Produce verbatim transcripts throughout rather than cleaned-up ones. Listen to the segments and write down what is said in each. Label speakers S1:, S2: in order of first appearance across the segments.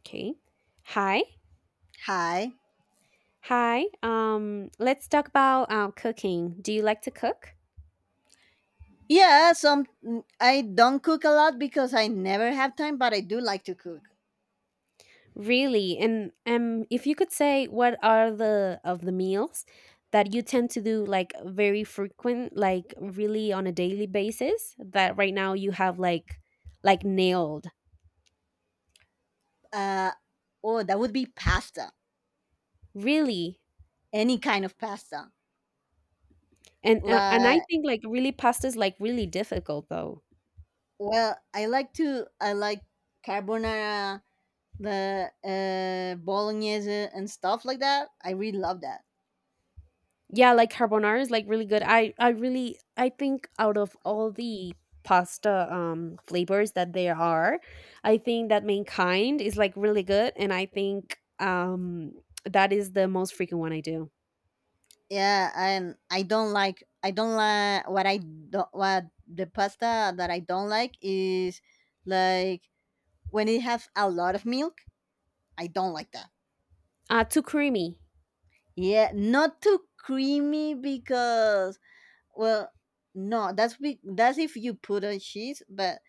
S1: Okay. Hi.
S2: Hi.
S1: Hi. Um, let's talk about uh, cooking. Do you like to cook?
S2: Yeah, some mm, I don't cook a lot because I never have time, but I do like to cook.
S1: Really? And um, if you could say what are the of the meals that you tend to do like very frequent, like really on a daily basis that right now you have like like nailed.
S2: Uh, oh, that would be pasta.
S1: Really?
S2: Any kind of pasta.
S1: And uh, and
S2: Like,
S1: I think like really pasta is like really difficult though.
S2: well, I like to I like carbonara, the uh, bolognese and stuff like that. I really love that.
S1: Yeah, like carbonara is like really good, i i really, I think out of all the pasta um flavors that there are, I think that mankind is like really good, and I think um that is the most frequent one I do.
S2: Yeah, and I don't like I don't like what I don't what the pasta that I don't like is like when it has a lot of milk. I don't like that.
S1: Uh, too creamy.
S2: Yeah, not too creamy because well, no, that's be- that's if you put on cheese, but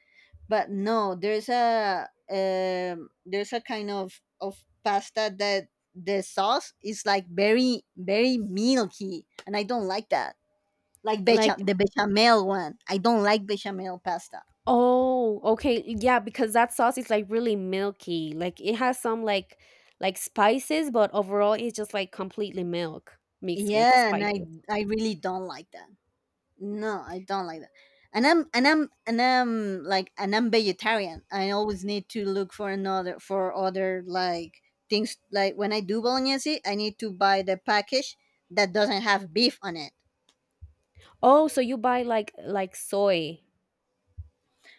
S2: but no, there's a um there's a kind of of pasta that the sauce is like very very milky, and I don't like that. Like
S1: Like,
S2: becha- the bechamel one, I don't like bechamel pasta.
S1: oh, okay, yeah, because that sauce is like really milky, like it has some like like spices, but overall it's just like completely milk mixed with
S2: Yeah, and I
S1: spices.
S2: I really don't like that. No, I don't like that. And I'm and I'm and I'm like and I'm vegetarian. I always need to look for another for other like things like when I do bolognese, I need to buy the package that doesn't have beef on it.
S1: Oh, so you buy like like soy,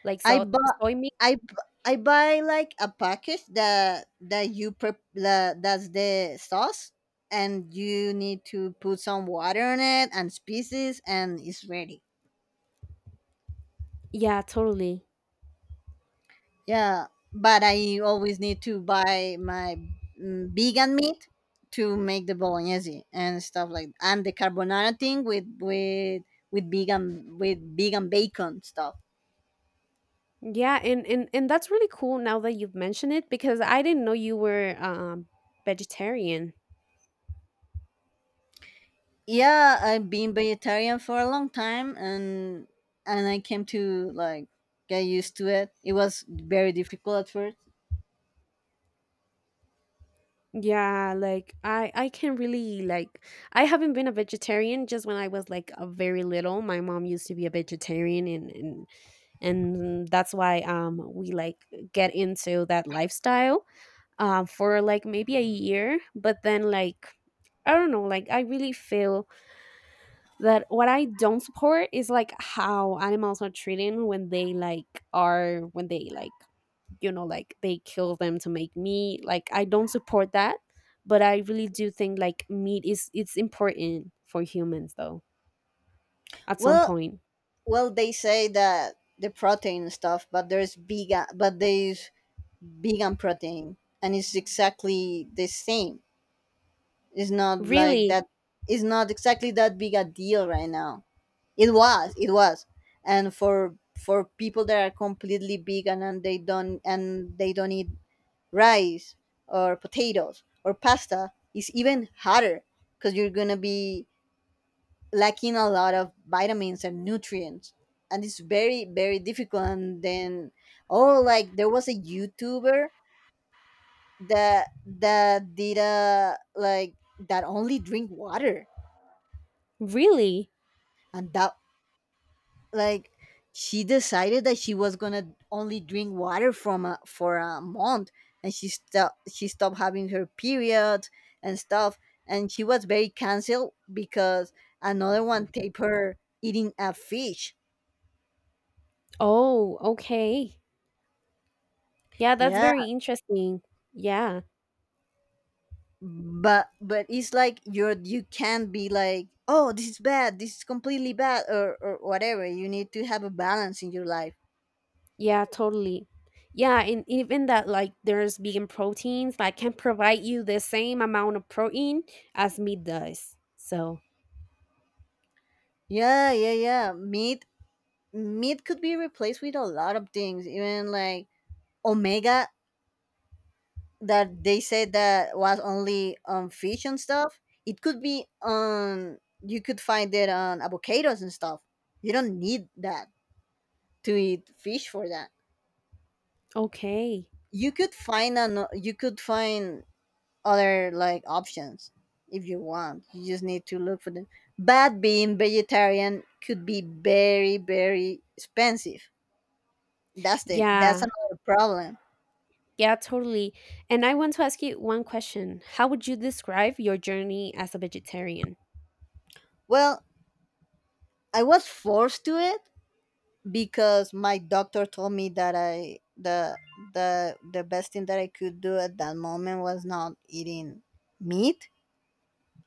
S1: like
S2: I
S1: so,
S2: bought
S1: soy.
S2: I bu- I buy like a package that that you prep that, that's the sauce and you need to put some water on it and spices and it's ready.
S1: Yeah, totally.
S2: Yeah, but I always need to buy my mm, vegan meat to make the bolognese and stuff like and the carbonara thing with with with vegan with vegan bacon stuff.
S1: Yeah, and and and that's really cool now that you've mentioned it because I didn't know you were um vegetarian.
S2: Yeah, I've been vegetarian for a long time and and I came to like get used to it. It was very difficult at first.
S1: Yeah, like I I can really like, I haven't been a vegetarian just when I was like a very little. My mom used to be a vegetarian and and and that's why um we like get into that lifestyle um for like maybe a year, but then like I don't know, like I really feel that what I don't support is like how animals are treated when they like are when they like you know like they kill them to make meat. Like I don't support that, but I really do think like meat is it's important for humans though at some
S2: Well,
S1: point.
S2: well they say that the protein stuff, but there's vegan but there's vegan protein and it's exactly the same. It's not like
S1: Really,
S2: that. It's not exactly that big a deal right now. It was. It was. And for for people that are completely vegan and they don't and they don't eat rice or potatoes or pasta, it's even harder because you're gonna be lacking a lot of vitamins and nutrients. And it's very, very difficult. And then, oh, like there was a YouTuber that that did a like that only drink water
S1: really.
S2: and that like she decided that she was gonna only drink water from a, for one month and she stopped she stopped having her period and stuff, and she was very cancelled because another one taped her eating a fish.
S1: Oh, okay. Yeah, that's
S2: Yeah,
S1: very interesting. Yeah.
S2: but but it's like you're you can't be like, oh, this is bad, this is completely bad, or or whatever. You need to have a balance in your life.
S1: Yeah, totally. Yeah, and even that like there's vegan proteins that can provide you the same amount of protein as meat does. So,
S2: Yeah, yeah yeah meat meat could be replaced with a lot of things, even like omega, that they said that was only on fish and stuff. It could be on, you could find it on avocados and stuff. You don't need that to eat fish for that.
S1: okay.
S2: You could find an you could find other like options if you want. You just need to look for them. But being vegetarian could be very, very expensive. That's the that's
S1: Yeah.
S2: another problem.
S1: Yeah, totally. And I want to ask you one question. How would you describe your journey as a vegetarian?
S2: Well, I was forced to it because my doctor told me that I the the the best thing that I could do at that moment was not eating meat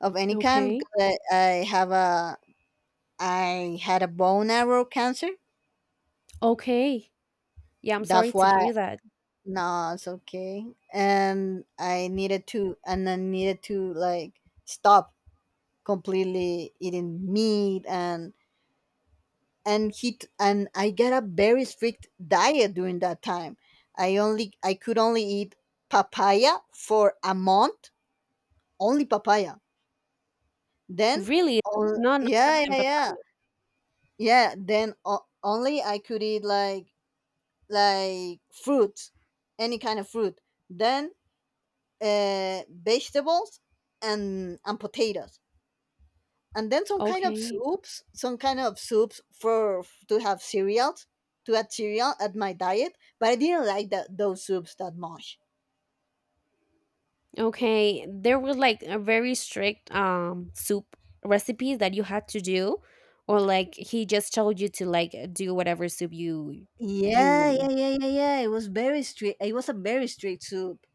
S2: of any kind
S1: Okay.
S2: because I, I have a, I had a bone marrow cancer.
S1: Okay. Yeah, I'm sorry
S2: That's
S1: to
S2: why,
S1: hear that.
S2: no, it's okay. And I needed to and I needed to like stop completely eating meat, and and he t- and I got a very strict diet during that time. I only I could only eat papaya for one month, only papaya. Then,
S1: Really?
S2: oh,
S1: None other
S2: yeah, yeah,
S1: than
S2: yeah,
S1: papaya.
S2: yeah. Then o- only I could eat like like fruits, any kind of fruit. Then uh, vegetables and and potatoes, and then some kind of
S1: Okay.
S2: soups, some kind of soups for to have cereals, to add cereal at my diet, but I didn't like that those soups that much.
S1: Okay, there were like a very strict um soup recipes that you had to do, or like he just told you to like do whatever soup you
S2: Yeah, yeah,
S1: you.
S2: yeah, yeah, yeah. It was very strict. It was a very strict soup.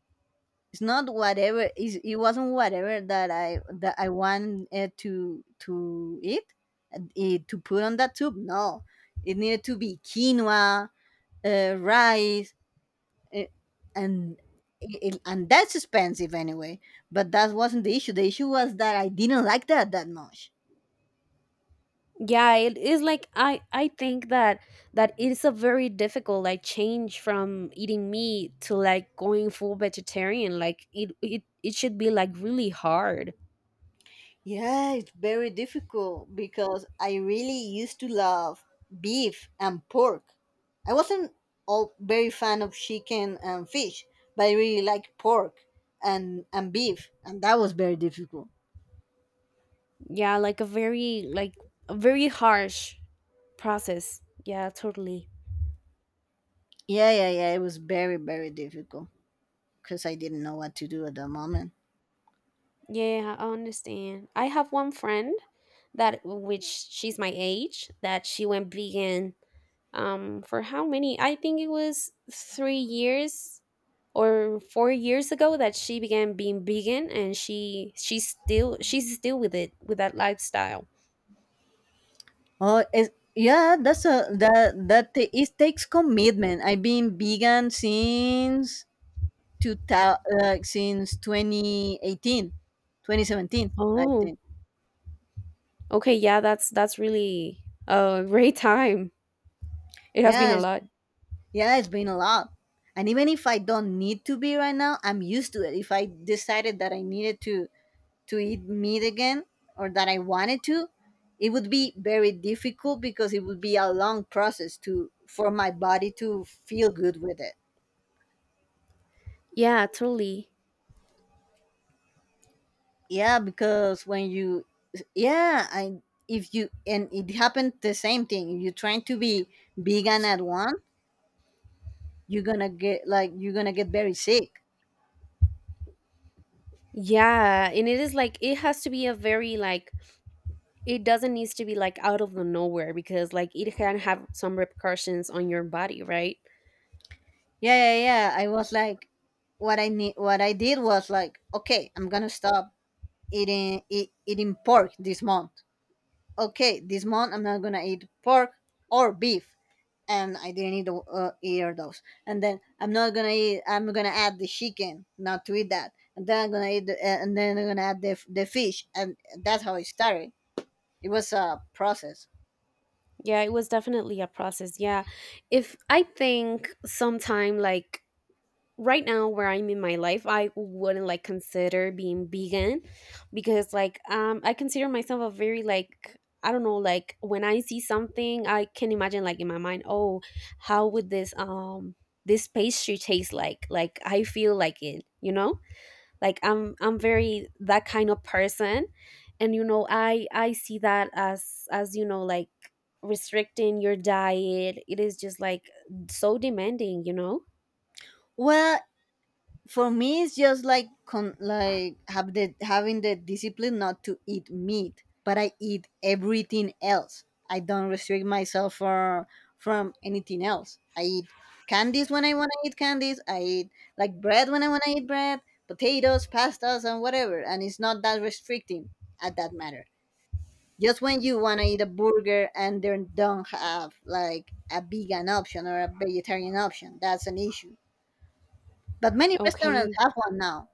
S2: It's not whatever. It's, it wasn't whatever that I that I wanted to to eat, and it, to put on that soup. No, it needed to be quinoa, uh, rice, it, and it, and that's expensive anyway. But that wasn't the issue. The issue was that I didn't like that that much.
S1: Yeah, it is like I I think that that it's a very difficult like change from eating meat to like going full vegetarian. Like it it it should be like really hard.
S2: Yeah, it's very difficult because I really used to love beef and pork. I wasn't all very fan of chicken and fish, but I really liked pork and and beef, and that was very difficult.
S1: Yeah, like a very like a very harsh process. Yeah, totally.
S2: Yeah, yeah yeah it was very, very difficult because I didn't know what to do at the moment.
S1: Yeah, I understand. I have one friend that which she's my age that she went vegan um for how many? I think it was three years or four years ago that she began being vegan and she she's still she's still with it with that lifestyle.
S2: Oh, it's, yeah, that's a that that ta- it takes commitment. I've been vegan since two thousand, uh, since twenty eighteen, twenty seventeen. I
S1: Oh,
S2: think.
S1: okay, yeah, that's that's really a great time. It has been
S2: Yeah,
S1: a
S2: it's,
S1: lot.
S2: yeah, it's been a lot. And even if I don't need to be right now, I'm used to it. If I decided that I needed to to eat meat again or that I wanted to, it would be very difficult because it would be a long process to for my body to feel good with it.
S1: Yeah, totally.
S2: Yeah, because when you, yeah, I if you, and it happened the same thing. You're trying to be vegan at one, you're gonna get like, you're gonna get very sick.
S1: Yeah, and it is like it has to be a very like it doesn't need to be like out of the nowhere because like it can have some repercussions on your body, right?
S2: Yeah, yeah, yeah. I was like, what I need, what I did was like, okay, I'm gonna stop eating eat, eating pork this month. Okay, this month I'm not gonna eat pork or beef, and I didn't eat the, uh, either those. And then I'm not gonna eat, I'm gonna add the chicken, not to eat that. And then I'm gonna eat, the, uh, and then I'm gonna add the, the fish, and that's how it started. It was a process.
S1: Yeah, it was definitely a process. Yeah, if I think sometime like right now where I'm in my life I wouldn't like consider being vegan because like um I consider myself a very like I don't know, like when I see something I can imagine like in my mind, oh, how would this um this pastry taste like like I feel like it, you know, like i'm i'm very that kind of person. And you know, i i see that as as you know, like restricting your diet it is just like so demanding, you know.
S2: Well, for me it's just like con- like have the having the discipline not to eat meat, but I eat everything else. I don't restrict myself for from anything else. I eat candies when I want to eat candies, I eat like bread when I want to eat bread, potatoes, pastas, and whatever, and it's not that restricting at that matter. Just when you want to eat a burger and they don't have like a vegan option or a vegetarian option, that's an issue. But many restaurants
S1: Okay,
S2: have one now.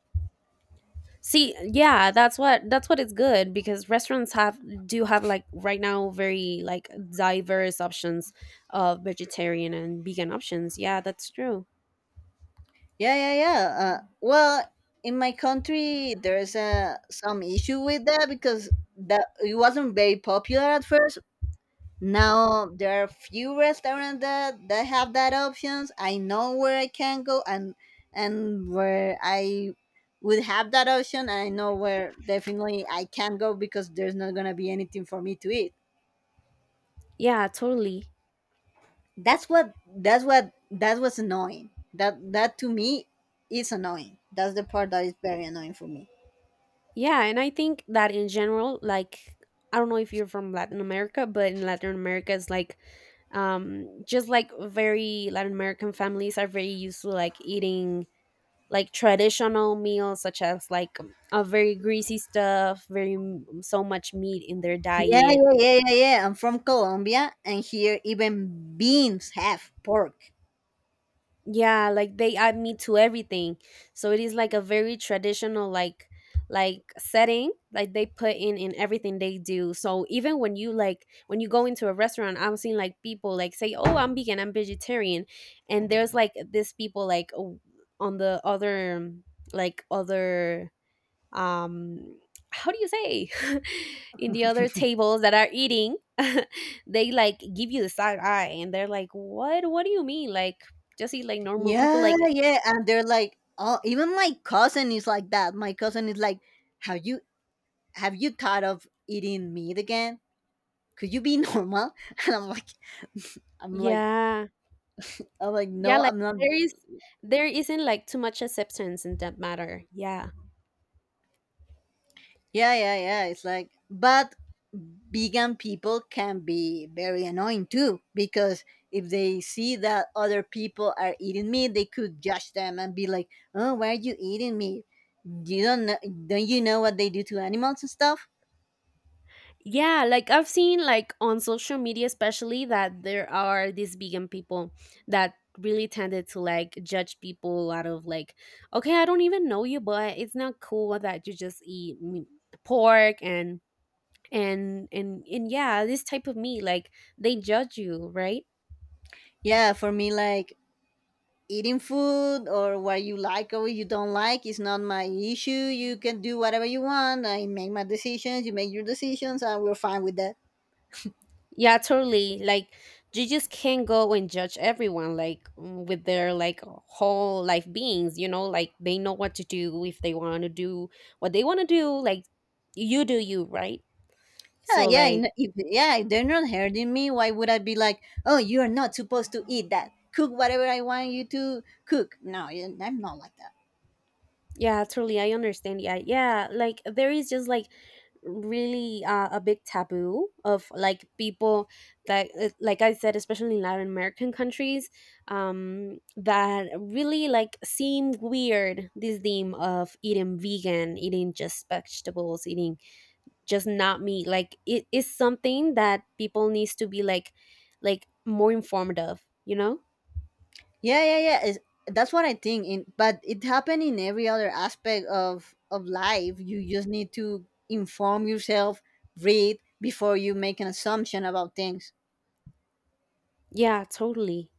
S1: see yeah, that's what that's what is good because restaurants have do have like right now very like diverse options of vegetarian and vegan options. Yeah, that's true.
S2: Yeah, yeah, yeah. Uh, well, in my country, there's uh, some issue with that because that it wasn't very popular at first. Now there are few restaurants that, that have that options. I know where I can go, and and where I would have that option. And I know where definitely I can go because there's not gonna be anything for me to eat.
S1: Yeah, totally.
S2: That's what that's what that was annoying. That that to me is annoying. That's the part that is very annoying for me.
S1: Yeah, and I think that in general, like I don't know if you're from Latin America, but in Latin America, it's like um just like very Latin American families are very used to like eating like traditional meals such as like a very greasy stuff, very m- so much meat in their
S2: Yeah,
S1: diet.
S2: yeah, yeah, yeah, yeah. I'm from Colombia, and here even beans have pork.
S1: Yeah, like they add meat to everything. So it is like a very traditional like like setting like they put in in everything they do. So even when you like when you go into a restaurant, I have seen like people like say, "Oh, I'm vegan, I'm vegetarian." And there's like this people like o- on the other um, like other um how do you say in the other tables that are eating they like give you the side eye and they're like what what do you mean like just eat like normal people
S2: Yeah,
S1: like
S2: yeah, and they're like, oh, even my cousin is like that. My cousin is like, have you have you thought of eating meat again? Could you be normal? And I'm like, I'm like,
S1: yeah
S2: I'm like,
S1: yeah
S2: no,
S1: like
S2: I'm not.
S1: there is there isn't like too much acceptance in that matter, yeah.
S2: Yeah, yeah, yeah. It's like, but vegan people can be very annoying too because if they see that other people are eating meat, they could judge them and be like, "Oh, why are you eating meat? You don't know, don't you know what they do to animals and stuff?"
S1: Yeah, like I've seen like on social media especially that there are these vegan people that really tended to like judge people out of like okay, I don't even know you, but it's not cool that you just eat me- pork and and and and yeah, this type of meat like they judge you, right?
S2: Yeah, for me, like eating food or what you like or what you don't like is not my issue. You can do whatever you want. I make my decisions. You make your decisions, and we're fine with that.
S1: Yeah, totally. Like you just can't go and judge everyone like mm, with their like whole life beings, you know, like they know what to do if they want to do what they want to do, like you do you, right?
S2: Yeah,
S1: So
S2: yeah, you
S1: like
S2: know, if, yeah. If they're not hurting me, why would I be like, oh, you are not supposed to eat that. Cook whatever I want you to cook. No, yeah, I'm not like that.
S1: yeah, truly, I understand. Yeah, yeah. Like there is just like really uh, a big taboo of like people that, uh, like I said, especially in Latin American countries, um, that really like seem weird. This theme of eating vegan, eating just vegetables, eating just not meat. Like it is something that people needs to be like, like more informed of. You know?
S2: Yeah, yeah, yeah. It's, that's what I think. In but it happened in every other aspect of of life. You just need to inform yourself, read before you make an assumption about things.
S1: Yeah, totally.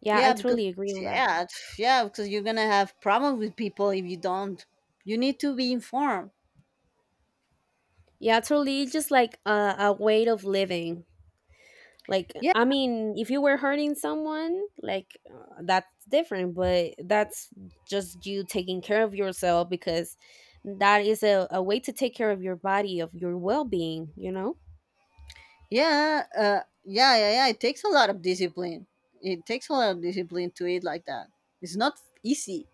S1: Yeah, I
S2: Yeah, because
S1: totally agree on that.
S2: yeah, yeah, because you're gonna have problems with people if you don't. You need to be informed.
S1: Yeah, totally. Just like a, a way of living. Like,
S2: Yeah.
S1: I mean, if you were hurting someone, like uh, that's different, but that's just you taking care of yourself because that is a, a way to take care of your body, of your well being, you know?
S2: Yeah, uh, yeah, yeah, yeah. It takes a lot of discipline. It takes a lot of discipline to eat like that. It's not easy.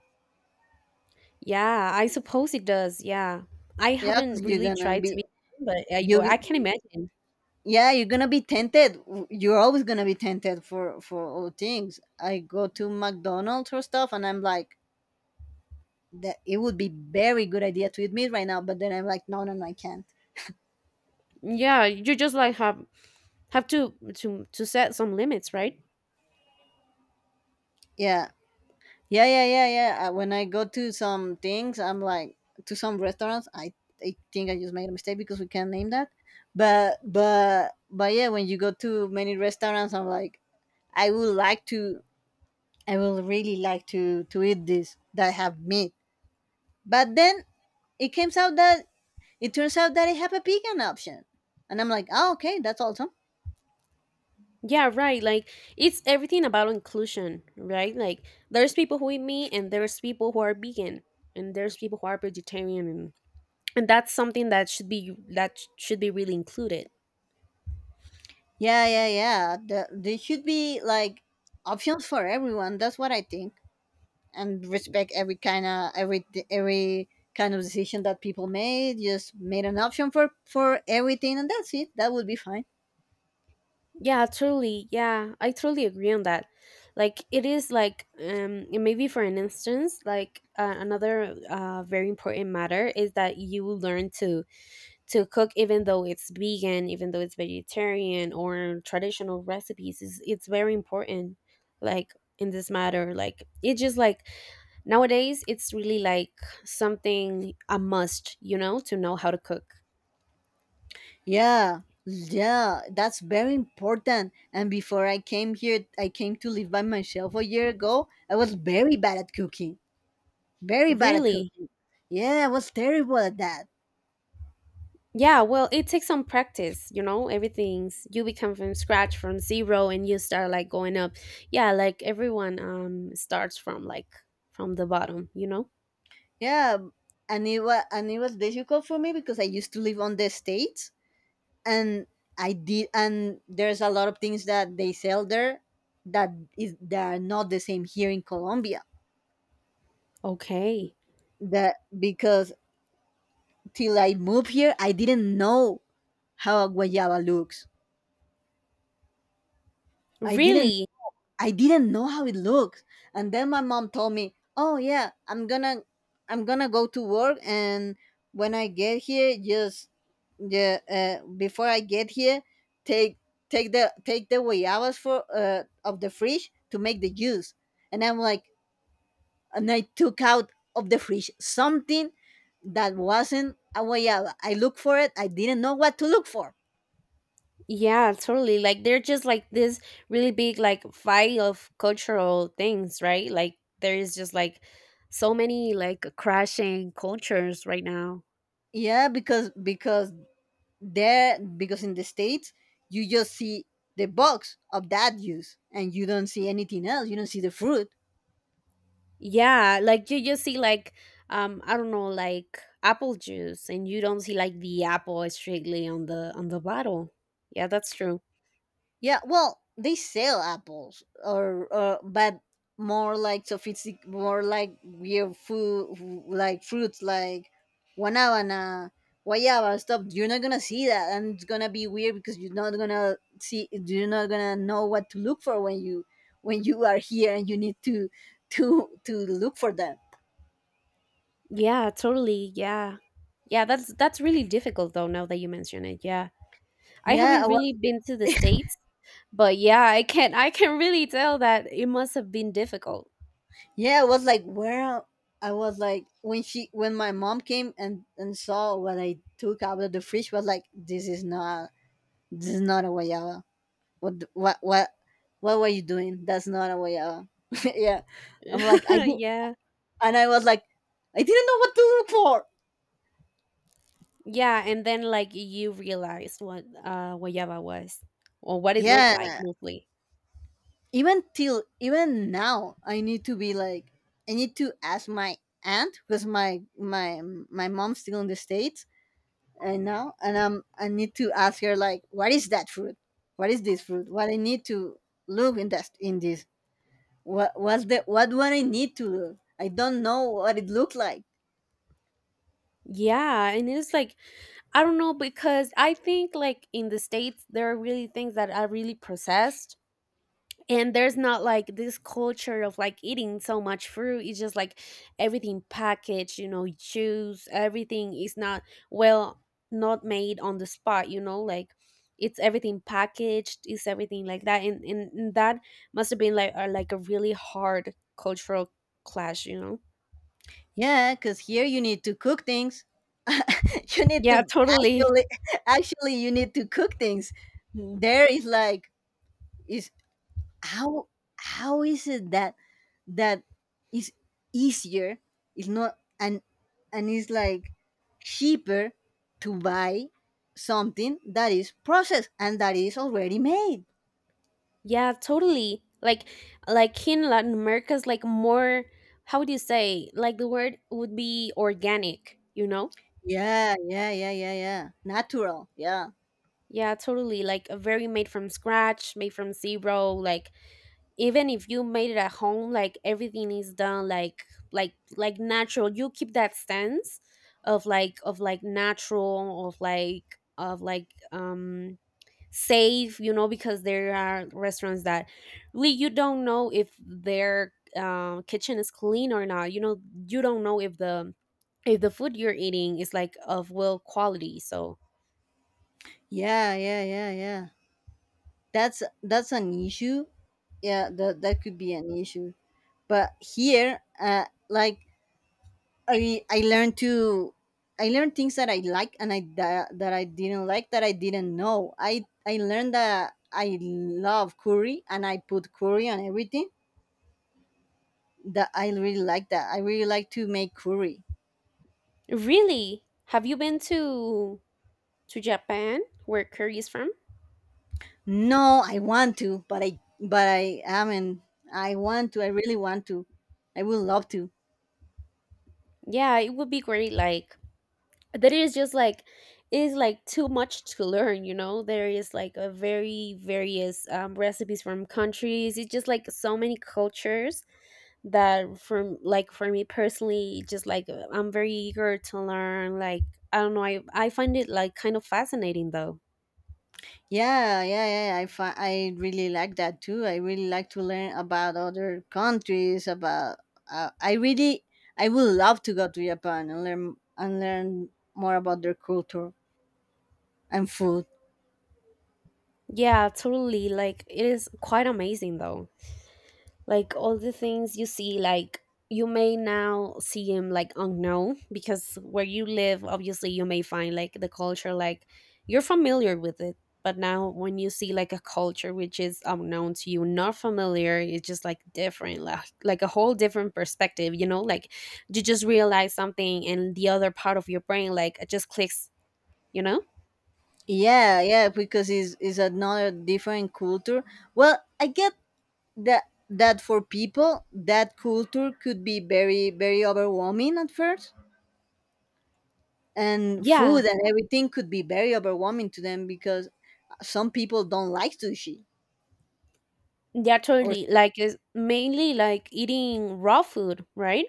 S1: Yeah, I suppose it does. Yeah. I
S2: Yeah, because
S1: haven't
S2: you're
S1: really
S2: gonna
S1: tried to
S2: be
S1: be, but I, but I can
S2: you.
S1: imagine.
S2: Yeah, you're gonna be tempted. You're always gonna be tempted for for all things. I go to McDonald's or stuff, and I'm like, that it would be very good idea to eat meat right now. But then I'm like, no, no, no, I can't.
S1: Yeah, you just like have have to to to set some limits, right?
S2: Yeah, Yeah, yeah, yeah, yeah. Uh, When I go to some things, I'm like, to some restaurants. I I think I just made a mistake because we can't name that. But but but yeah, when you go to many restaurants, I'm like, I would like to. I will really like to to eat this that have meat. But then it comes out that it turns out that I have a vegan option, and I'm like, oh, okay, that's awesome.
S1: Yeah, right. Like it's everything about inclusion, right? Like there's people who eat meat and there's people who are vegan and there's people who are vegetarian and, and that's something that should be that sh- should be really included.
S2: Yeah, yeah, yeah. The, there should be like options for everyone. That's what I think. And respect every kind of every every kind of decision that people made just made an option for for everything, and that's it. That would be fine.
S1: Yeah, truly. Yeah, I truly agree on that. Like it is like um and maybe for an instance, like uh, another uh very important matter is that you learn to to cook even though it's vegan even though it's vegetarian or traditional recipes is it's very important like in this matter like it just like nowadays it's really like something a must, you know, to know how to cook.
S2: Yeah, yeah, that's very important. And before I came here, I came to live by myself a year ago. I was very bad at cooking. Very bad at
S1: Really?
S2: cooking. Yeah, I was terrible at that.
S1: Yeah, well it takes some practice, you know, everything's you become from scratch from zero and you start like going up. Yeah, like everyone um starts from like from the bottom, you know.
S2: Yeah, and it was and it was difficult for me because I used to live on the states. And I did and there's a lot of things that they sell there that is that are not the same here in Colombia.
S1: Okay.
S2: That because till I moved here I didn't know how a guayaba looks. I didn't
S1: Really?
S2: I didn't know how it looked. And then my mom told me, "Oh yeah, I'm gonna, I'm gonna go to work, and when I get here, just yeah, uh, before I get here, take take the take the guayabas for uh, of the fridge to make the juice." And I'm like, and I took out of the fridge something that wasn't a guayaba. I looked for it. I didn't know what to look for.
S1: Yeah, totally. Like they're just like this really big like fight of cultural things, right? Like there is just like so many like crashing cultures right now.
S2: Yeah, because because there because in the states you just see the box of that juice, and you don't see anything else. You don't see the fruit.
S1: Yeah, like you just see like um I don't know like apple juice and you don't see like the apple strictly on the on the bottle. Yeah, that's true.
S2: Yeah, well, they sell apples or or, but more like sophistic, more like weird food, like fruits like guanabana, guayaba stuff. You're not gonna see that, and it's gonna be weird because you're not gonna see you're not gonna know what to look for when you when you are here, and you need to to to look for them.
S1: Yeah, totally. Yeah. Yeah, that's that's really difficult though now that you mention it. Yeah. I
S2: Yeah,
S1: haven't
S2: well,
S1: really been to the States, but yeah, I can I can really tell that it must have been difficult.
S2: yeah, it was like where I was like when she when my mom came and and saw what I took out of the fridge, was like, this is not this is not a guayaba. What the- what what what were you doing? That's not a guayaba. Yeah, I'm like, I did,
S1: Yeah.
S2: and I was like, I didn't know what to look for.
S1: Yeah, and then like you realized what uh guayaba was or what it looked like
S2: Yeah,
S1: mostly.
S2: even till even now I need to be like, I need to ask my aunt because my my my mom's still in the states. And now and I'm. I need to ask her, like, what is that fruit? What is this fruit What I need to look in that in this. what what's the what what I need to look. I don't know what it looked like.
S1: Yeah, and it's like I don't know because I think like in the States there are really things that are really processed and there's not like this culture of like eating so much fruit, it's just like everything packaged, you know, juice everything is not, well, not made on the spot, you know, like it's everything packaged it's everything like that and, and, and that must have been like a, like a really hard cultural clash, you know.
S2: Yeah, because here you need to cook things. you need
S1: Yeah,
S2: to
S1: totally.
S2: actually Actually, you need to cook things. There is like is how how is it that that is easier. It's not, and and it's like cheaper to buy something that is processed and that is already made.
S1: Yeah, totally, like like in Latin America's like more how would you say, like the word would be organic, you know.
S2: Yeah, yeah, yeah, yeah, yeah, natural, yeah.
S1: Yeah, totally. Like a very made from scratch, made from zero. Like even if you made it at home, like everything is done like like like natural. You keep that sense of like of like natural of like of like um safe, you know, because there are restaurants that really you don't know if their uh, kitchen is clean or not. You know, you don't know if the if the food you're eating is like of well quality. So
S2: Yeah, yeah, yeah, yeah, that's that's an issue. Yeah, that, that could be an issue. But here, uh like, I I learned to. I learned things that I like, and I that, that I didn't like, that I didn't know. I I learned that I love curry, and I put curry on everything. That I really like that. I really like to make curry.
S1: really? Have you been to to Japan where curry is from?
S2: No, I want to, but I but I haven't. I want to. I really want to. I would love to.
S1: Yeah, it would be great, like that is just like it is like too much to learn, you know? There is like a very various um, recipes from countries. It's just like so many cultures that from like for me personally just like uh, I'm very eager to learn like I don't know, I I find it like kind of fascinating though.
S2: Yeah, yeah, yeah. I fi- I really like that too. I really like to learn about other countries. About, uh, I really I would love to go to Japan, and learn, and learn more about their culture and food.
S1: Yeah, totally. Like it is quite amazing though. Like all the things you see like you may now see him like unknown because where you live obviously you may find like the culture like you're familiar with it, but now when you see like a culture which is unknown to you, not familiar, it's just like different like, like a whole different perspective, you know, like you just realize something and the other part of your brain like it just clicks, you know.
S2: Yeah, yeah, because it's, it's another different culture. Well, I get that that for people that culture could be very, very overwhelming at first, and food
S1: Yeah,
S2: and everything could be very overwhelming to them, because some people don't like sushi.
S1: yeah,
S2: or
S1: totally.
S2: st-
S1: Like it's mainly like eating raw food, right?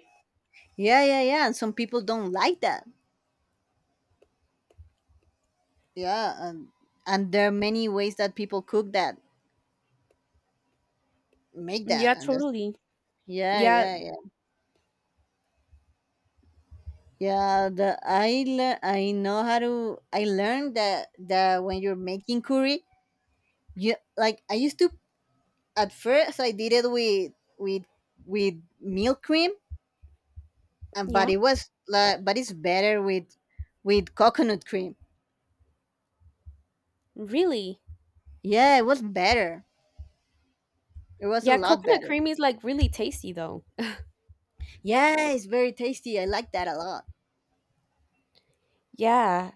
S2: yeah, yeah, yeah, and some people don't like that. Yeah, and and there are many ways that people cook that, make that
S1: Yeah,
S2: and that's.
S1: totally.
S2: Yeah,
S1: Yeah.
S2: yeah, yeah, yeah, the i le- I know how to I learned that that when you're making curry, you like I used to, at first, I did it with with with milk cream, and but
S1: Yeah,
S2: it was like but it's better with with coconut cream.
S1: really?
S2: yeah it was better it was a
S1: Yeah,
S2: lot
S1: coconut
S2: better.
S1: cream is like really tasty though.
S2: Yeah, it's very tasty. I like that a lot.
S1: Yeah.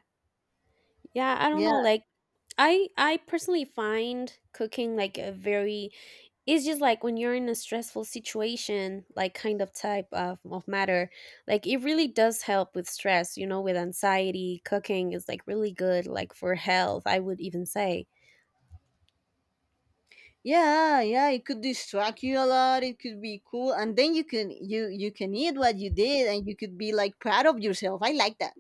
S1: Yeah, I don't know
S2: Yeah,
S1: like I I personally find cooking like a very, it's just like when you're in a stressful situation, like kind of type of, of matter, like it really does help with stress, you know, with anxiety. Cooking is like really good like for health, I would even say.
S2: yeah, yeah. It could distract you a lot. It could be cool, and then you can you you can eat what you did, and you could be like proud of yourself. I like that.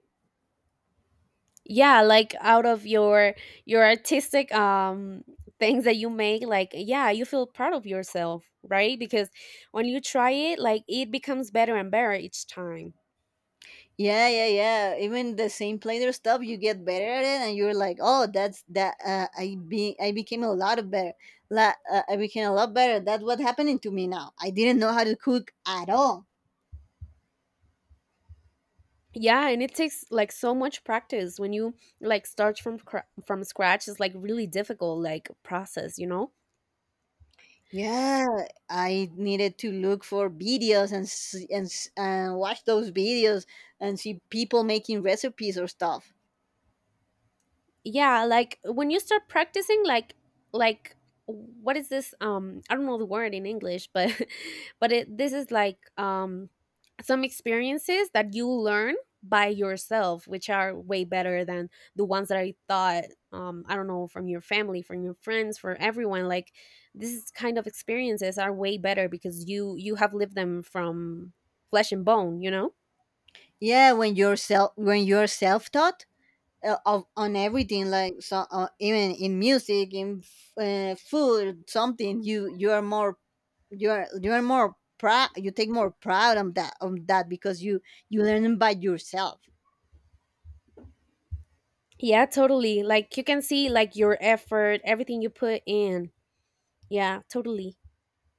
S1: Yeah, like out of your your artistic um things that you make, like yeah, you feel proud of yourself, right? Because when you try it like it becomes better and better each time.
S2: Yeah, yeah, yeah. Even the same player stuff, you get better at it, and you're like, oh, that's that. Uh, I be I became a lot of better. La, uh, I became a lot better. That's what happening to me now. I didn't know how to cook at all.
S1: Yeah, and it takes like so much practice when you like start from cra- from scratch. It's like really difficult like process, you know.
S2: Yeah, I needed to look for videos and s- and s- and watch those videos and see people making recipes or stuff.
S1: Yeah, like when you start practicing like like what is this, um I don't know the word in English, but but it this is like um some experiences that you learn by yourself, which are way better than the ones that I thought, um I don't know, from your family, from your friends, for everyone, like this is kind of experiences are way better because you you have lived them from flesh and bone, you know.
S2: Yeah, when you're self when you're self taught, uh, of on everything, like so, uh, even in music, in f- uh, food, something, you you are more, you are you are more proud. You take more proud on that on that because you you learn by yourself.
S1: Yeah, totally. Like you can see like your effort, everything you put in. Yeah, totally.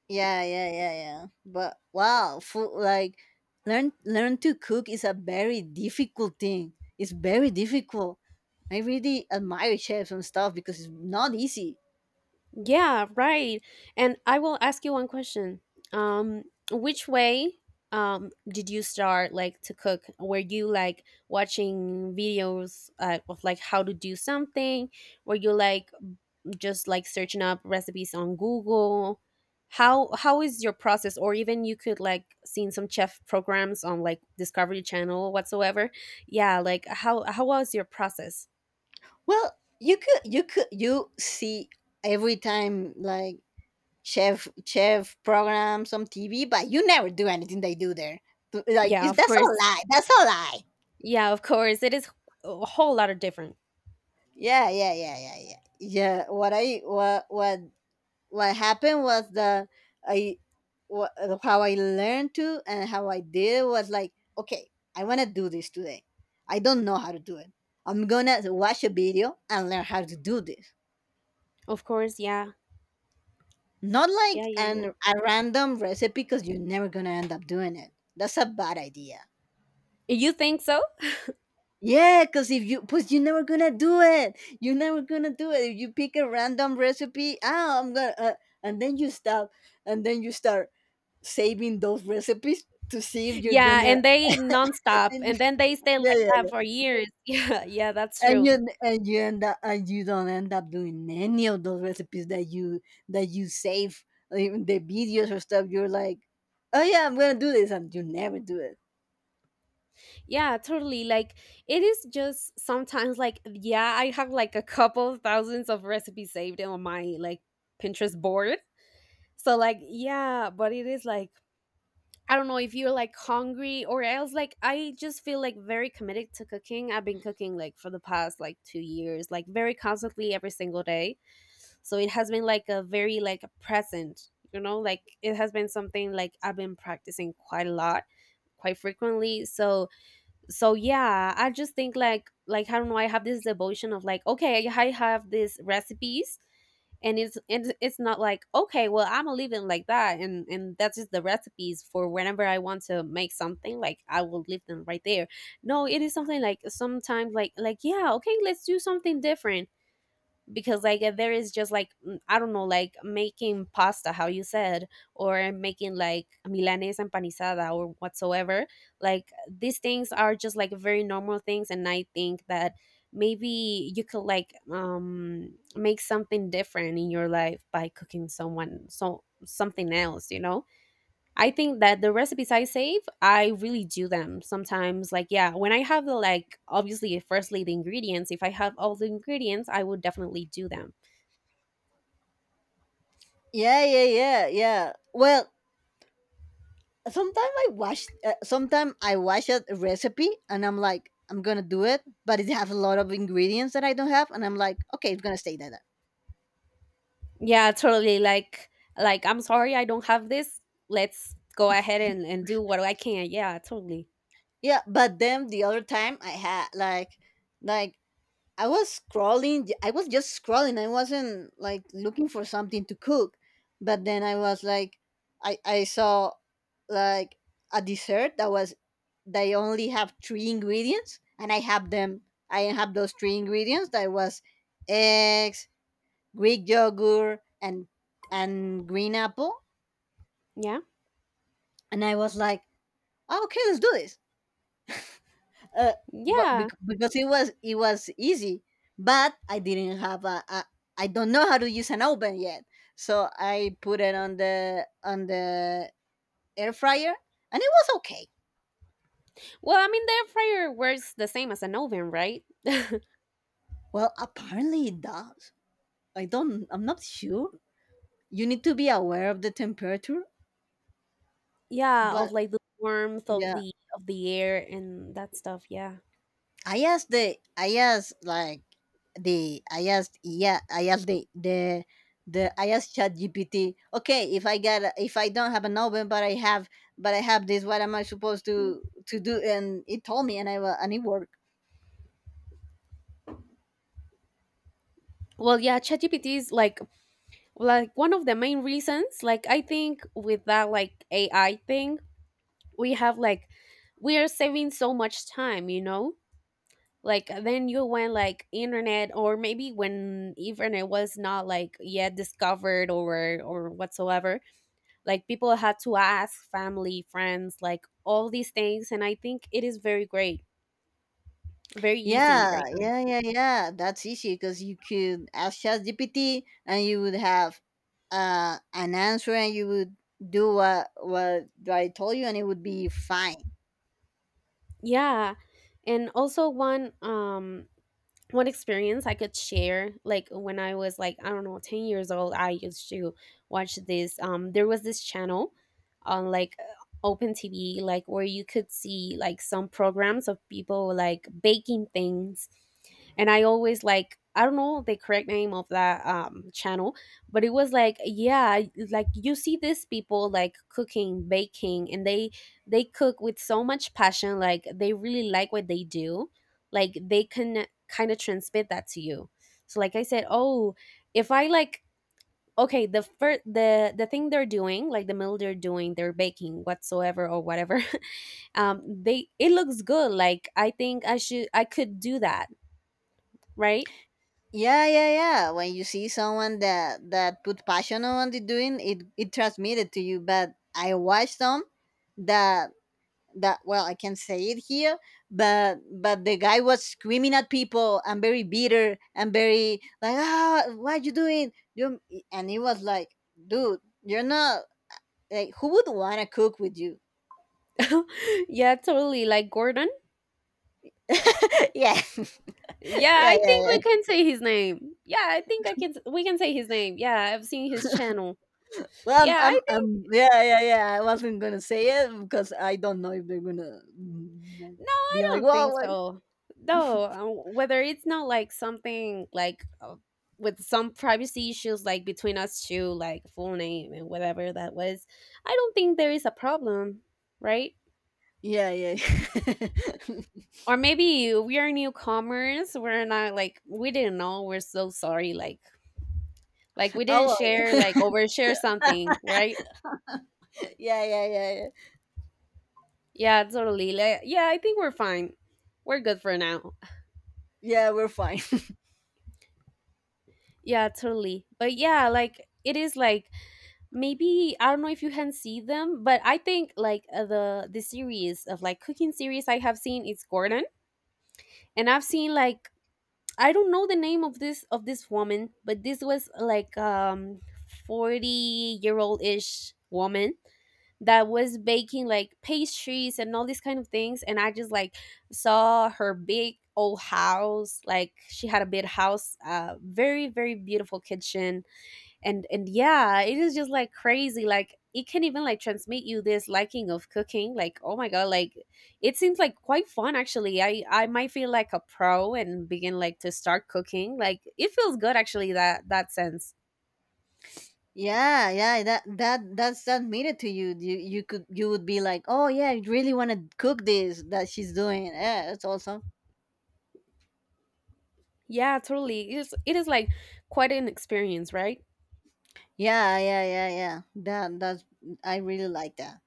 S2: Yeah, yeah, yeah, yeah. But wow, food, like, learn learn to cook is a very difficult thing. It's very difficult. I really admire chefs and stuff because it's not easy.
S1: Yeah, right. And I will ask you one question. Um, which way um did you start like to cook? Were you like watching videos uh, of like how to do something? Were you like just like searching up recipes on Google? How how is your process? Or even you could like seen some chef programs on like Discovery Channel whatsoever. Yeah, like how how was your process?
S2: Well, you could you could you see every time, like, chef chef programs on T V, but you never do anything they do there. Like
S1: Yeah,
S2: is
S1: of
S2: That's a
S1: course.
S2: lie. That's a lie.
S1: Yeah, of course. It is a whole lot of different.
S2: Yeah, yeah, yeah, yeah, yeah. Yeah. What I what what what happened was that I what, how I learned to and how I did was like, okay, I want to do this today. I don't know how to do it. I'm gonna watch a video and learn how to do this.
S1: Of course, yeah.
S2: Not
S1: Yeah,
S2: like
S1: yeah,
S2: an a random recipe, because you're never gonna end up doing it. That's a bad idea.
S1: yeah. You think so?
S2: Yeah, because if you, because you're never gonna do it. You're never gonna do it. If you pick a random recipe, ah, I'm gonna, uh, and then you stop, and then you start saving those recipes to see if you're
S1: Yeah,
S2: gonna,
S1: and they nonstop
S2: and,
S1: and then they stay
S2: yeah,
S1: like
S2: yeah,
S1: that for
S2: yeah.
S1: years. Yeah, yeah, that's
S2: And
S1: true.
S2: you, and you end up and you don't end up doing any of those recipes that you that you save, like, the videos or stuff. You're like, oh yeah, I'm gonna do this, and you never do it.
S1: Yeah, totally. Like it is just sometimes like yeah, I have like a couple thousands of recipes saved on my like Pinterest board. So like yeah, but it is like I don't know if you're like hungry or else, like I just feel like very committed to cooking. I've been cooking like for the past like two years, like very constantly every single day. So it has been like a very like a present, you know, like it has been something like I've been practicing quite a lot, quite frequently. So so yeah, I just think like like I don't know, I have this devotion of like okay, I have these recipes, and it's and it's not like okay, well, I'm living like that, and and that's just the recipes for whenever I want to make something, like I will leave them right there. No, it is something like sometimes like like yeah, okay, let's do something different because like uh, there is just like mm, I don't know, like making pasta how you said or making like milanesa empanizada or whatsoever, like these things are just like very normal things, and I think that maybe you could like um make something different in your life by cooking someone so something else, you know. I think that the recipes I save, I really do them sometimes. Like, yeah, when I have the like, obviously, firstly, the ingredients. If I have all the ingredients, I would definitely do them.
S2: Yeah, yeah, yeah, yeah. Well, sometimes I watch, uh, sometimes I watch a recipe, and I'm like, I'm gonna do it, but it has a lot of ingredients that I don't have, and I'm like, okay, it's gonna stay like that.
S1: Yeah, totally. Like, like I'm sorry, I don't have this. Let's go ahead and and do what I can. Yeah, totally.
S2: Yeah, but then the other time I had like, like I was scrolling, j- I was just scrolling. I wasn't like looking for something to cook, but then I was like, I I saw like a dessert that was they only have three ingredients, and i have them I have those three ingredients. That was eggs, greek yogurt, and and green apple.
S1: Yeah,
S2: And I was like, "Oh, okay, let's do this, uh, but
S1: yeah.
S2: bec- because it was it was easy, but I didn't have a, a. I don't know how to use an oven yet, so I put it on the on the air fryer, and it was okay.
S1: Well, I mean, the air fryer works the same as an oven, right?
S2: Well, apparently it does. i don't I'm not sure. You need to be aware of the temperature.
S1: Yeah, of
S2: But
S1: like the warmth of
S2: yeah,
S1: the of the air and that stuff. Yeah.
S2: i asked the i asked like the i asked yeah I asked the the the, I asked chat gpt okay, if i get a- if I don't have an oven, but i have but I have this, what am I supposed to to do? And it told me, and i wa- and it worked.
S1: Well, yeah, ChatGPT is like like one of the main reasons like I think with that like AI thing, we have like we are saving so much time, you know, like then you went like internet, or maybe when internet was not like yet discovered or or whatsoever, like people had to ask family, friends, like all these things, and I think it is very great, very easy
S2: Yeah,
S1: right now.
S2: yeah, yeah, yeah, that's easy, because you could ask ChatGPT, and you would have uh an answer, and you would do what what I told you, and it would be fine.
S1: Yeah, and also one um one experience I could share, like when I was like, I don't know, ten years old, I used to watch this. Um, there was this channel on like uh, open T V, like where you could see like some programs of people like baking things. And I always like, I don't know the correct name of that um, channel, but it was like, yeah, like you see these people like cooking, baking, and they they cook with so much passion. Like they really like what they do, like they can kind of transmit that to you. So like I said, oh, if I like okay, the first the the thing they're doing, like the meal they're doing, they're baking whatsoever or whatever. Um, they it looks good. Like I think I should I could do that, right?
S2: Yeah, yeah, yeah. When you see someone that that put passion on the doing, it it transmitted to you. But I watched some that that well, I can say it here, but but the guy was screaming at people, and very bitter, and very like, ah, what you doing? You And it was like, dude, you're not, like, who would wanna cook with you?
S1: Yeah, totally. Like Gordon.
S2: Yeah,
S1: Yeah,
S2: yeah, yeah,
S1: I think
S2: yeah.
S1: we can say his name. Yeah, I think I can we can say his name. Yeah, I've seen his channel.
S2: Well, I'm,
S1: Yeah, I.
S2: I'm, I'm, yeah, yeah, yeah. I wasn't gonna say it because I don't know if they're gonna mm, like,
S1: No, I
S2: be like,
S1: don't
S2: well,
S1: think
S2: what?
S1: so. No, uh, whether it's not like something like uh, with some privacy issues, like between us two, like full name and whatever that was, I don't think there is a problem, right?
S2: Yeah, yeah.
S1: Or maybe we are newcomers. We're not like we didn't know. We're so sorry. Like like we didn't
S2: Oh,
S1: share
S2: well,
S1: like overshare something, right?
S2: yeah, yeah, yeah, yeah.
S1: Yeah, totally. Like, yeah, I think we're fine. We're good for now.
S2: Yeah, we're fine.
S1: Yeah, totally. But yeah, like it is like maybe I don't know if you can see them, but I think like uh, the the series of like cooking series I have seen is Gordon, and I've seen like I don't know the name of this of this woman, but this was like um forty year old ish woman that was baking like pastries and all these kind of things, and I just like saw her big old house, like she had a big house, uh very very beautiful kitchen, and and yeah, it is just like crazy, like it can even like transmit you this liking of cooking like, oh my god, like it seems like quite fun. Actually, i i might feel like a pro and begin like to start cooking, like it feels good actually, that that sense.
S2: Yeah, yeah, that that that's that made it to you. You you could you would be like, oh yeah, I really want to cook this that she's doing. Yeah, that's awesome.
S1: Yeah, totally. It is, it is like quite an experience, right?
S2: Yeah, yeah, yeah, yeah. That that's I really like that.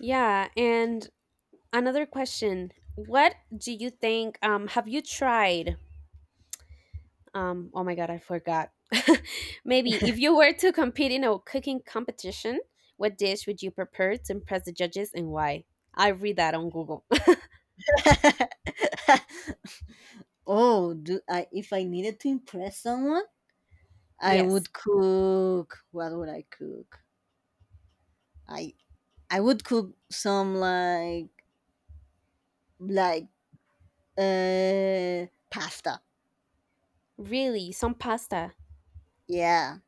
S1: Yeah, and another question, what do you think, um have you tried, um, oh my god, I forgot. Maybe if you were to compete in a cooking competition, what dish would you prepare to impress the judges, and why? I read that on Google.
S2: Oh, do I if I needed to impress someone? I
S1: Yes,
S2: would cook. What would I cook? I I would cook some like like uh pasta.
S1: really, some pasta.
S2: Yeah,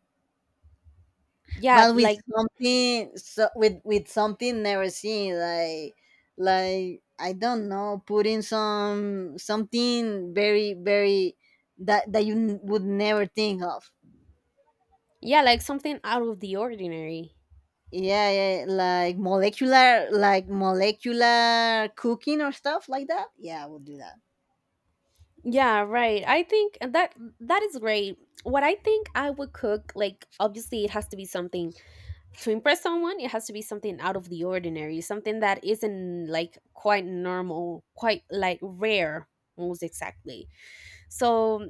S1: Yeah,
S2: but with
S1: like
S2: something so with with something never seen like like I don't know, putting some something very very that that you n- would never think of.
S1: yeah, like something out of the ordinary.
S2: Yeah, yeah, like molecular like molecular cooking or stuff like that. Yeah, I would do that.
S1: Yeah, right. I think that that is great. What I think I would cook, like obviously it has to be something to impress someone, it has to be something out of the ordinary, something that isn't like quite normal, quite like rare, most exactly. So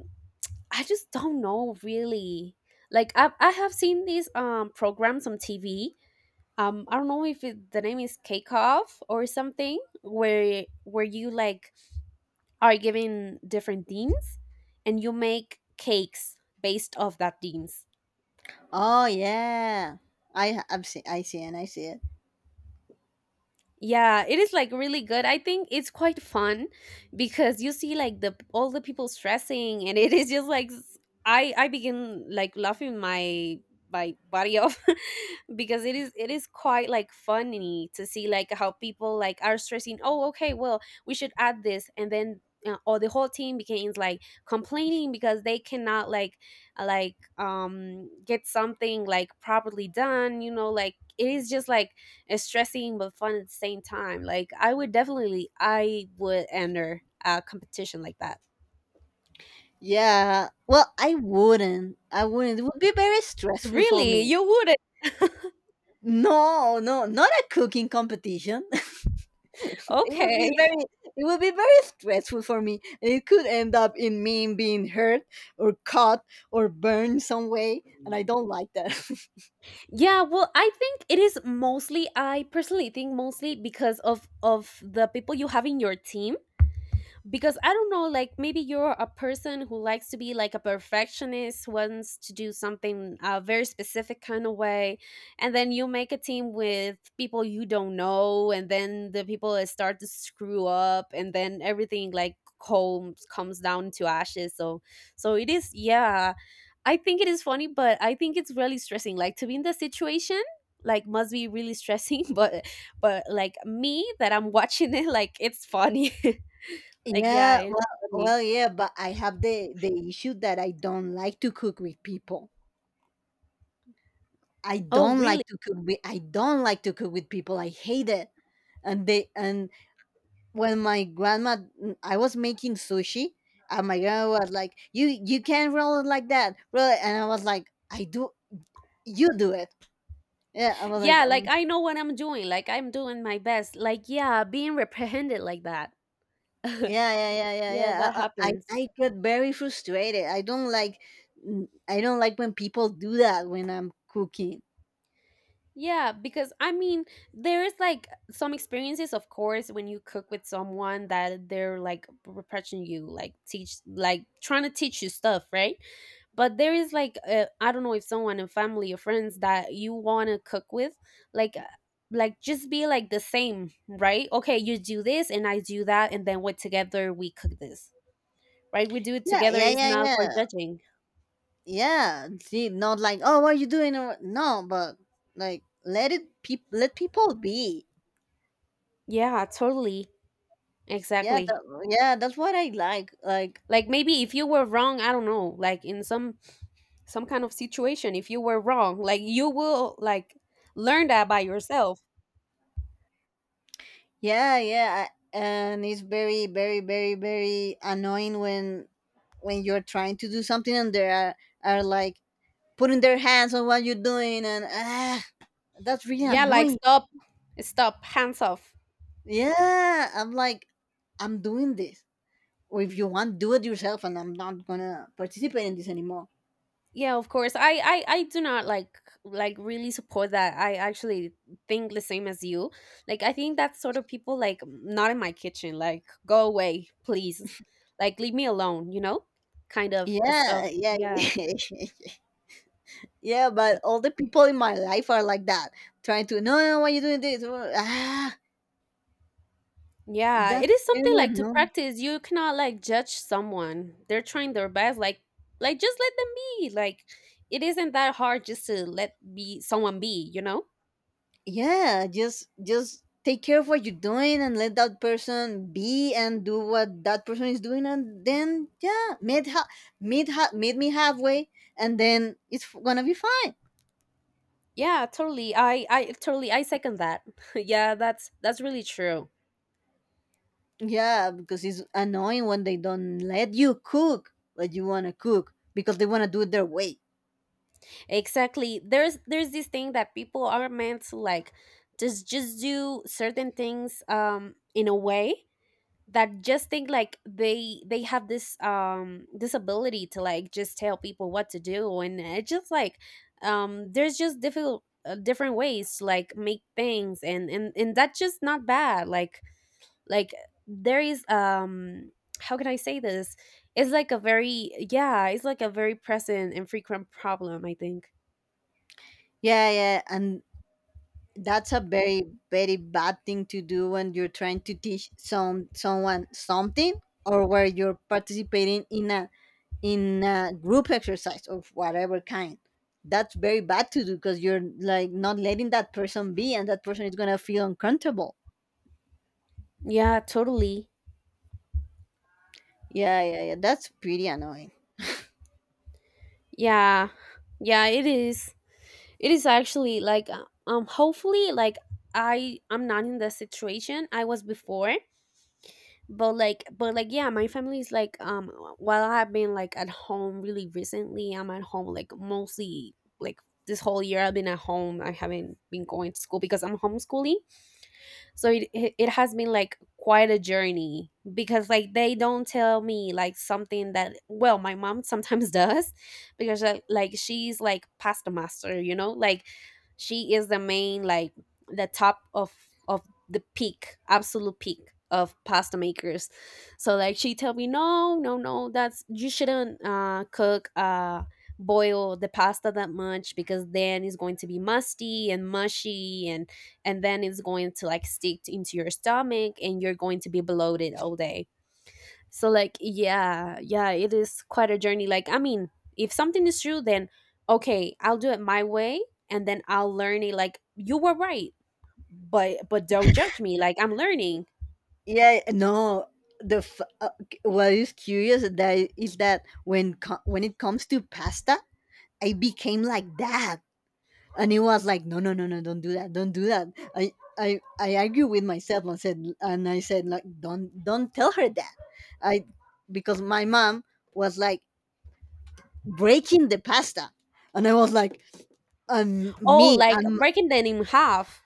S1: I just don't know really, like i, I have seen these um programs on TV, um I don't know if it, the name is cake off or something, where where you like are given different themes and you make cakes based off that themes.
S2: Oh yeah, I I've seen I see and I see it.
S1: Yeah, it is like really good. I think it's quite fun because you see like the all the people stressing, and it is just like s- I I begin like laughing my my body off because it is, it is quite like funny to see like how people like are stressing, "Oh, okay, well, we should add this." And then uh, or the whole team begins like complaining because they cannot like uh, like um get something like properly done, you know, like it is just like it's stressing but fun at the same time. Like I would definitely, I would enter a competition like that.
S2: Yeah, well, I wouldn't. I wouldn't. It would be very stressful for
S1: Really?
S2: me.
S1: You wouldn't?
S2: No, no, not a cooking competition. it would be
S1: Okay.
S2: very it would be very stressful for me, and it could end up in me being hurt or caught or burned some way, and I don't like that.
S1: Yeah, well, I think it is mostly, I personally think mostly because of of the people you have in your team, because I don't know, like maybe you're a person who likes to be like a perfectionist, wants to do something a very specific kind of way, and then you make a team with people you don't know, and then the people start to screw up, and then everything like comes comes down to ashes. So, so it is. Yeah, I think it is funny, but I think it's really stressing. Like to be in the situation like must be really stressing, but but like me that I'm watching it, like it's funny. Like, yeah,
S2: Yeah,
S1: it is
S2: well,
S1: funny.
S2: well, yeah, but I have the the issue that I don't like to cook with people. I
S1: Oh,
S2: don't
S1: really?
S2: like to cook with I don't like to cook with people. I hate it. And they and When my grandma, mm, I was making sushi, and my grandma was like, You you can't roll it like that. Roll it." And I was like, "I do you do it." Yeah. I was like,
S1: Yeah, like
S2: um
S1: I know what I'm doing. Like I'm doing my best. Like, yeah, being reprehended like that.
S2: yeah, yeah, yeah, yeah,
S1: Yeah,
S2: yeah.
S1: that
S2: I I,
S1: happens.
S2: I I get very frustrated. I don't like, mm, I don't like when people do that when I'm cooking.
S1: Yeah, because I mean, there is like some experiences, of course, when you cook with someone that they're like repressing you, like teach, like trying to teach you stuff, right? But there is like, I i don't know, if someone in family or friends that you want to cook with, like uh, like just be like the same, right? Okay, you do this and I do that, and then we together we cook this, right? We do it
S2: Yeah,
S1: together.
S2: yeah,
S1: It's
S2: yeah,
S1: not for
S2: yeah.
S1: judging.
S2: Yeah, see, not like, oh, what are you doing? Or no, but like, let it peop let people be.
S1: Yeah, totally.
S2: Yeah
S1: Exactly.
S2: that, yeah, that's what I like. Like
S1: Like maybe if you were wrong, I don't know, like in some some kind of situation, if you were wrong, like you will like learn that by yourself.
S2: yeah, yeah. I, and it's very very very very annoying when when you're trying to do something, and they are are like putting their hands on what you're doing, and ah, that's really
S1: Yeah, like
S2: annoying.
S1: stop. Stop, hands off.
S2: Yeah, I'm like, I'm doing this, or if you want, do it yourself, and I'm not gonna participate in this anymore.
S1: Yeah, of course. I, I I do not like, like really support that. I actually think the same as you. Like I think that sort of people, like not in my kitchen. Like go away, please. Like leave me alone, you know? Kind of uh, stuff.
S2: Yeah, yeah,
S1: Yeah.
S2: yeah, yeah. But
S1: Y-
S2: all the people in my life are like that, trying to, no, no, why you doing this? Wha- Ah,
S1: Yeah,
S2: that's
S1: it is
S2: very
S1: something like to
S2: annoying.
S1: practice. You cannot like judge someone. They're trying their best. Like like just let them be. Like it isn't that hard just to let be someone be, you know?
S2: Yeah, just just take care of what you're doing, and let that person be and do what that person is doing, and then yeah, meet ha- meet ha- meet me halfway, and then it's f- gonna be fine.
S1: Yeah, totally. I I totally, I second that. Yeah, that's that's really true.
S2: Yeah, because it's annoying when they don't let you cook what you wanna cook because they wanna do it their way.
S1: Exactly. There's there's this thing that people are meant to like just just do certain things, um in a way that just think like they they have this, um this ability to like just tell people what to do, and it's just like, um there's just difficult uh, different ways to like make things, and and and that's just not bad, like like there is, um how can I say this, it's like a very, yeah, it's like a very present and frequent problem, I think.
S2: Yeah, yeah, and that's a very very bad thing to do when you're trying to teach some someone something, or where you're participating in a in a group exercise of whatever kind. That's very bad to do, because you're like not letting that person be, and that person is gonna feel uncomfortable.
S1: Yeah, totally.
S2: Yeah, yeah, yeah, that's pretty annoying.
S1: Yeah, yeah, it is, it is actually like, uh, um hopefully like i i'm not in the situation I was before, but like but like yeah, my family is like, um while I've been like at home really recently, I'm at home like mostly like this whole year. I've been at home, I haven't been going to school because I'm homeschooling. So it it it has been like quite a journey, because like they don't tell me like something that, well, my mom sometimes does, because like like, she's like pasta master, you know, like she is the main like the top of of the peak, absolute peak of pasta makers. So like she tell me, no, no, no, that's, you shouldn't uh cook, uh boil the pasta that much, because then it's going to be musty and mushy, and and then it's going to like stick into your stomach and you're going to be bloated all day. So like yeah, yeah, it is quite a journey. Like I mean, if something is true, then okay, I'll do it my way and then I'll learn it, like you were right. But but don't judge me. Like I'm learning.
S2: Yeah, no, the f- uh, c- what is curious that is that when co- when it comes to pasta, I became like that, and it was like, no no no no, don't do that, don't do that. I i i argue with myself and said, and I said like, don't don't tell her that. I Because my mom was like breaking the pasta, and I was like, um
S1: Oh,
S2: me
S1: like
S2: um
S1: breaking them in half.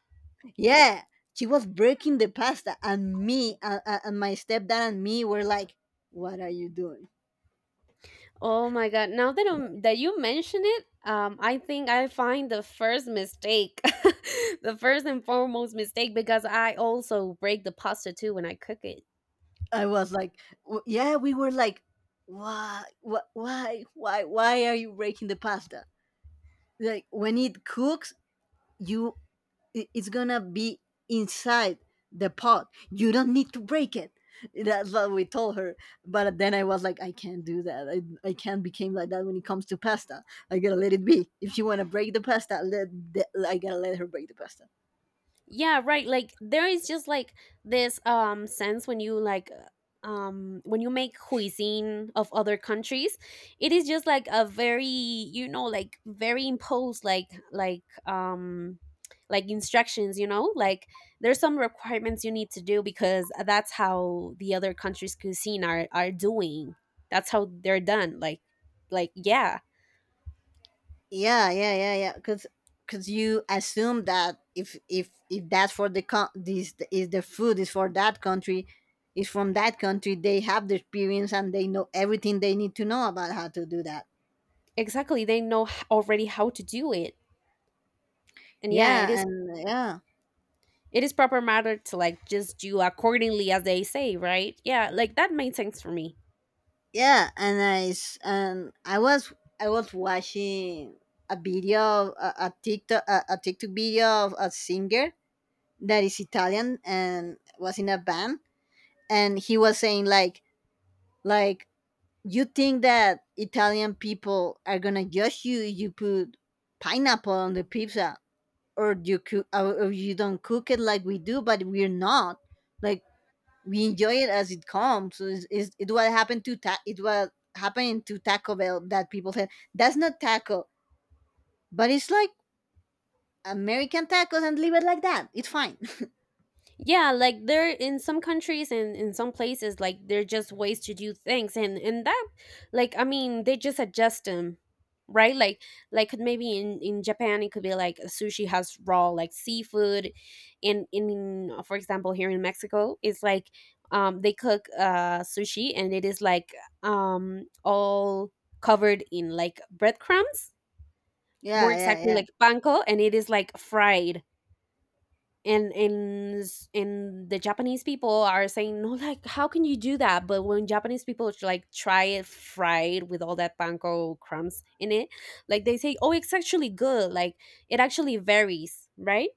S2: yeah, she was breaking the pasta, and me, uh, uh, and my stepdad and me were like, what are you doing?
S1: Oh my god! Now that um, that you mention it, um, I think I find the first mistake, the first and foremost mistake, because I also break the pasta too when I cook it.
S2: I was like, w- yeah, we were like, why wh- why why why are you breaking the pasta? Like, when it cooks, you i- it's gonna be inside the pot, you don't need to break it. That's what we told her. But then I was like, I can't do that. i, I can't become like that when it comes to pasta. I gotta let it be. If you want to break the pasta, let the, I gotta let her break the pasta.
S1: Yeah, right, like there is just like this um sense when you like, uh, um when you make cuisine of other countries, it is just like a very, you know, like very imposed like, like um like instructions, you know, like there's some requirements you need to do, because that's how the other countries cuisine are are doing, that's how they're done, like like yeah.
S2: Yeah, yeah, yeah, yeah, because because you assume that if if if that's for the con this is the food is for that country, is from that country, they have the experience, and they know everything they need to know about how to do that.
S1: Exactly, they know h- already how to do it. And yeah, it
S2: Yeah,
S1: is.
S2: and yeah,
S1: It is proper matter to like just do accordingly as they say, right? Yeah, like that made sense for me.
S2: yeah, and I s- and I was I was watching a video, a, a TikTok, a, a TikTok video of a singer that is Italian and was in a band, and he was saying like, like you think that Italian people are gonna judge you if you put pineapple on the pizza, or you cook, or or you don't cook it like we do, but we're not like, we enjoy it as it comes. So it's, it's, it what happened to ta- it what happened to Taco Bell that people said, that's not taco, but it's like American tacos, and leave it like that. It's fine.
S1: Yeah, like there in some countries and in some places, like there are just ways to do things, and and that, like I mean, they just adjust them, right? Like like maybe in in Japan it could be like sushi has raw like seafood, and in for example here in Mexico it's like, um they cook uh sushi and it is like, um all covered in like breadcrumbs, more
S2: Yeah, yeah,
S1: exactly
S2: yeah,
S1: like panko, and it is like fried. And and s- and the Japanese people are saying no, like how can you do that? But when Japanese people tr- like try it fried with all that panko crumbs in it, like they say, oh, it's actually good. Like it actually varies, right?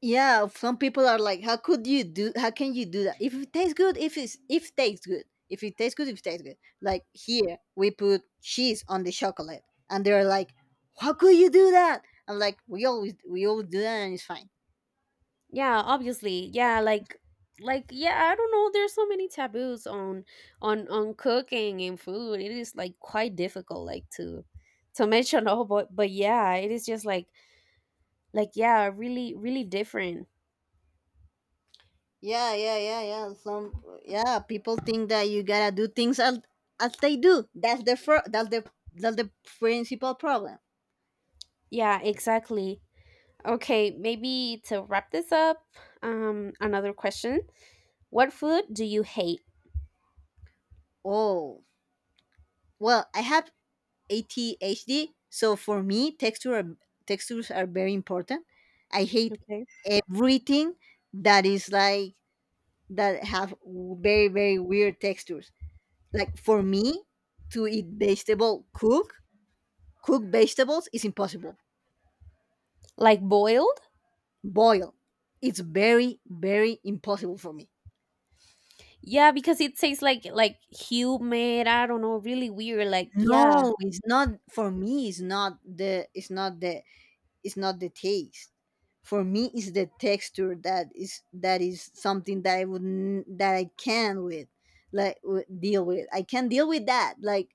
S2: yeah. Some people are like, how could you do? How can you do that? If it tastes good, if it's if it tastes good, if it tastes good, if it tastes good. Like here, we put cheese on the chocolate, and they're like, how could you do that? I'm like, we always we always do that, and it's fine.
S1: Yeah, obviously, yeah, like like yeah, I don't know, there's so many taboos on on on cooking and food. It is like quite difficult like to to mention all, but but yeah, it is just like like yeah, really really different.
S2: Yeah, yeah, yeah, yeah. Some Yeah, people think that you gotta do things as, as they do. That's the fir- that's the that's the principal problem.
S1: Yeah, exactly. Okay, maybe to wrap this up, um, another question. What food do you hate?
S2: Oh, well, I have A D H D, so for me, texture are, textures are very important. I hate
S1: Okay.
S2: everything that is like that have very very weird textures. Like for me, to eat vegetable, cook cook vegetables is impossible.
S1: Like boiled?
S2: Boil. It's very, very impossible for me.
S1: Yeah, because it tastes like like humid, I don't know, really weird. Like, yeah.
S2: No, it's not for me. It's not the. It's not the. It's not the taste. For me, it's the texture that is that is something that I would n- that I can with like w- deal with. I can deal with that. Like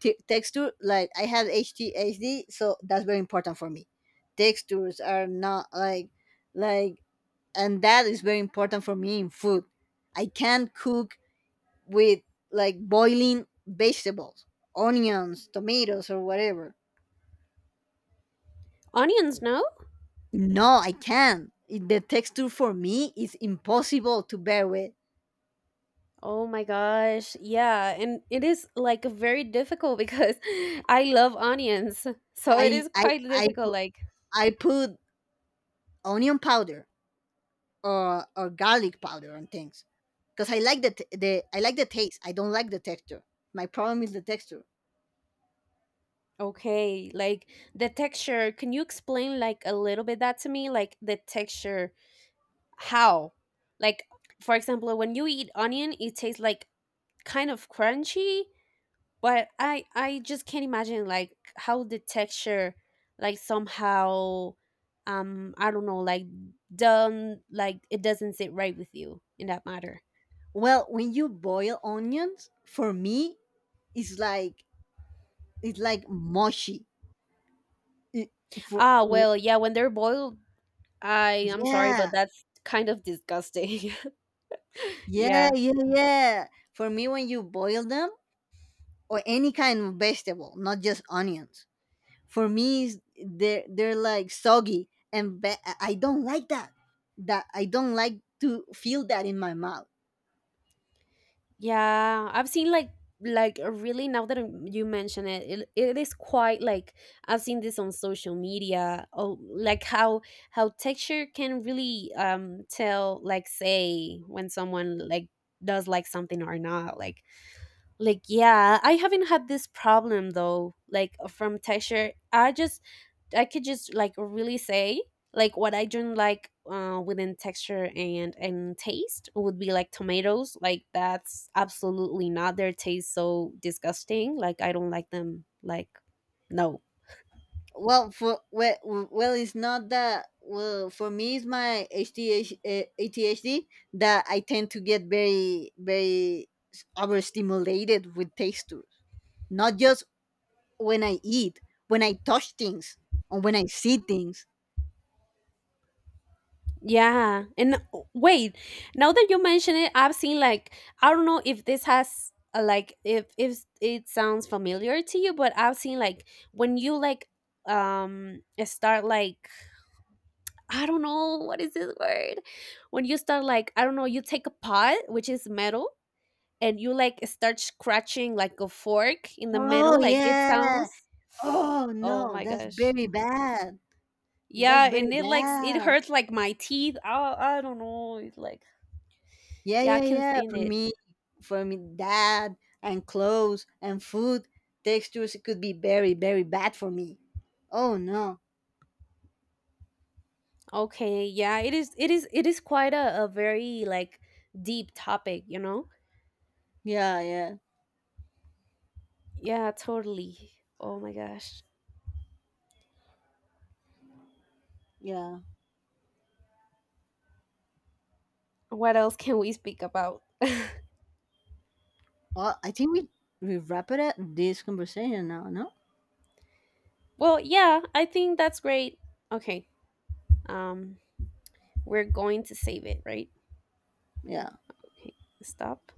S2: t- texture. Like I have H T H D, so that's very important for me. Textures are not like like, and that is very important for me in food. I can cook with like boiling vegetables, onions, tomatoes, or whatever.
S1: Onions, no?
S2: No, I can't. It- The texture for me is impossible to bear with.
S1: Oh my gosh. Yeah, and it is like very difficult because I love onions. So
S2: I
S1: it is
S2: I
S1: quite
S2: I,
S1: difficult
S2: pu-
S1: like.
S2: I put onion powder or or garlic powder on things because I like the t- the I like the taste. I don't like the texture. My problem is the texture.
S1: Okay, like the texture. Can you explain like a little bit that to me? Like the texture, how? Like, for example, when you eat onion, it tastes like kind of crunchy, but I I just can't imagine like how the texture, like somehow, um I don't know, like done, like it doesn't sit right with you in that matter.
S2: Well, when you boil onions, for me, it's like it's like mushy. It, for
S1: Ah,
S2: w-
S1: well, yeah, when they're boiled, I I'm sorry, but
S2: yeah,
S1: that's kind of disgusting.
S2: yeah,
S1: Yeah.
S2: yeah, yeah. For me, when you boil them or any kind of vegetable, not just onions, for me is- they're they're like soggy, and ba- I don't like that. That I don't like to feel that in my mouth.
S1: Yeah, I've seen like like uh, really now that I'm- you mention it, it, it is quite like, I've seen this on social media. Oh, like how how texture can really um tell like say when someone like does like something or not. Like like, yeah, I haven't had this problem though, like uh, from texture. I just, I could just like really say, like, what I don't like uh, within texture and, and taste would be like tomatoes. Like, that's absolutely not, their taste so disgusting. Like, I don't like them. Like, no.
S2: Well, for well, well, it's not that. Well, for me, it's my A D H D, eh, A D H D that I tend to get very, very overstimulated with textures, not just when I eat, when I touch things, or when I see things.
S1: Yeah. And uh, wait, now that you mention it, I've seen like, I don't know if this has uh, like, if if it sounds familiar to you, but I've seen like when you like, um start like, I don't know what is this word? When you start like, I don't know, you take a pot which is metal and you like start scratching like a fork in the
S2: Oh
S1: metal, like it
S2: yeah.
S1: sounds.
S2: Oh
S1: Oh
S2: no,
S1: my
S2: that's
S1: gosh.
S2: very bad. That's
S1: Yeah,
S2: very
S1: and it like s- it
S2: bad.
S1: hurts like my teeth. I I don't know. It's like,
S2: Yeah,
S1: yeah, I
S2: yeah,
S1: can't
S2: yeah.
S1: stand
S2: For
S1: it.
S2: me, for me, that and clothes and food textures, it could be very, very bad for me. Oh no.
S1: Okay, yeah, it is it is it is quite a, a very like deep topic, you know?
S2: Yeah, yeah,
S1: Yeah, totally. Oh my gosh.
S2: yeah.
S1: What else can we speak about?
S2: Well, I think we we wrap it up this conversation now. No.
S1: Well, yeah, I think that's great. Okay. Um, we're going to save it, right?
S2: Yeah.
S1: Okay. Stop.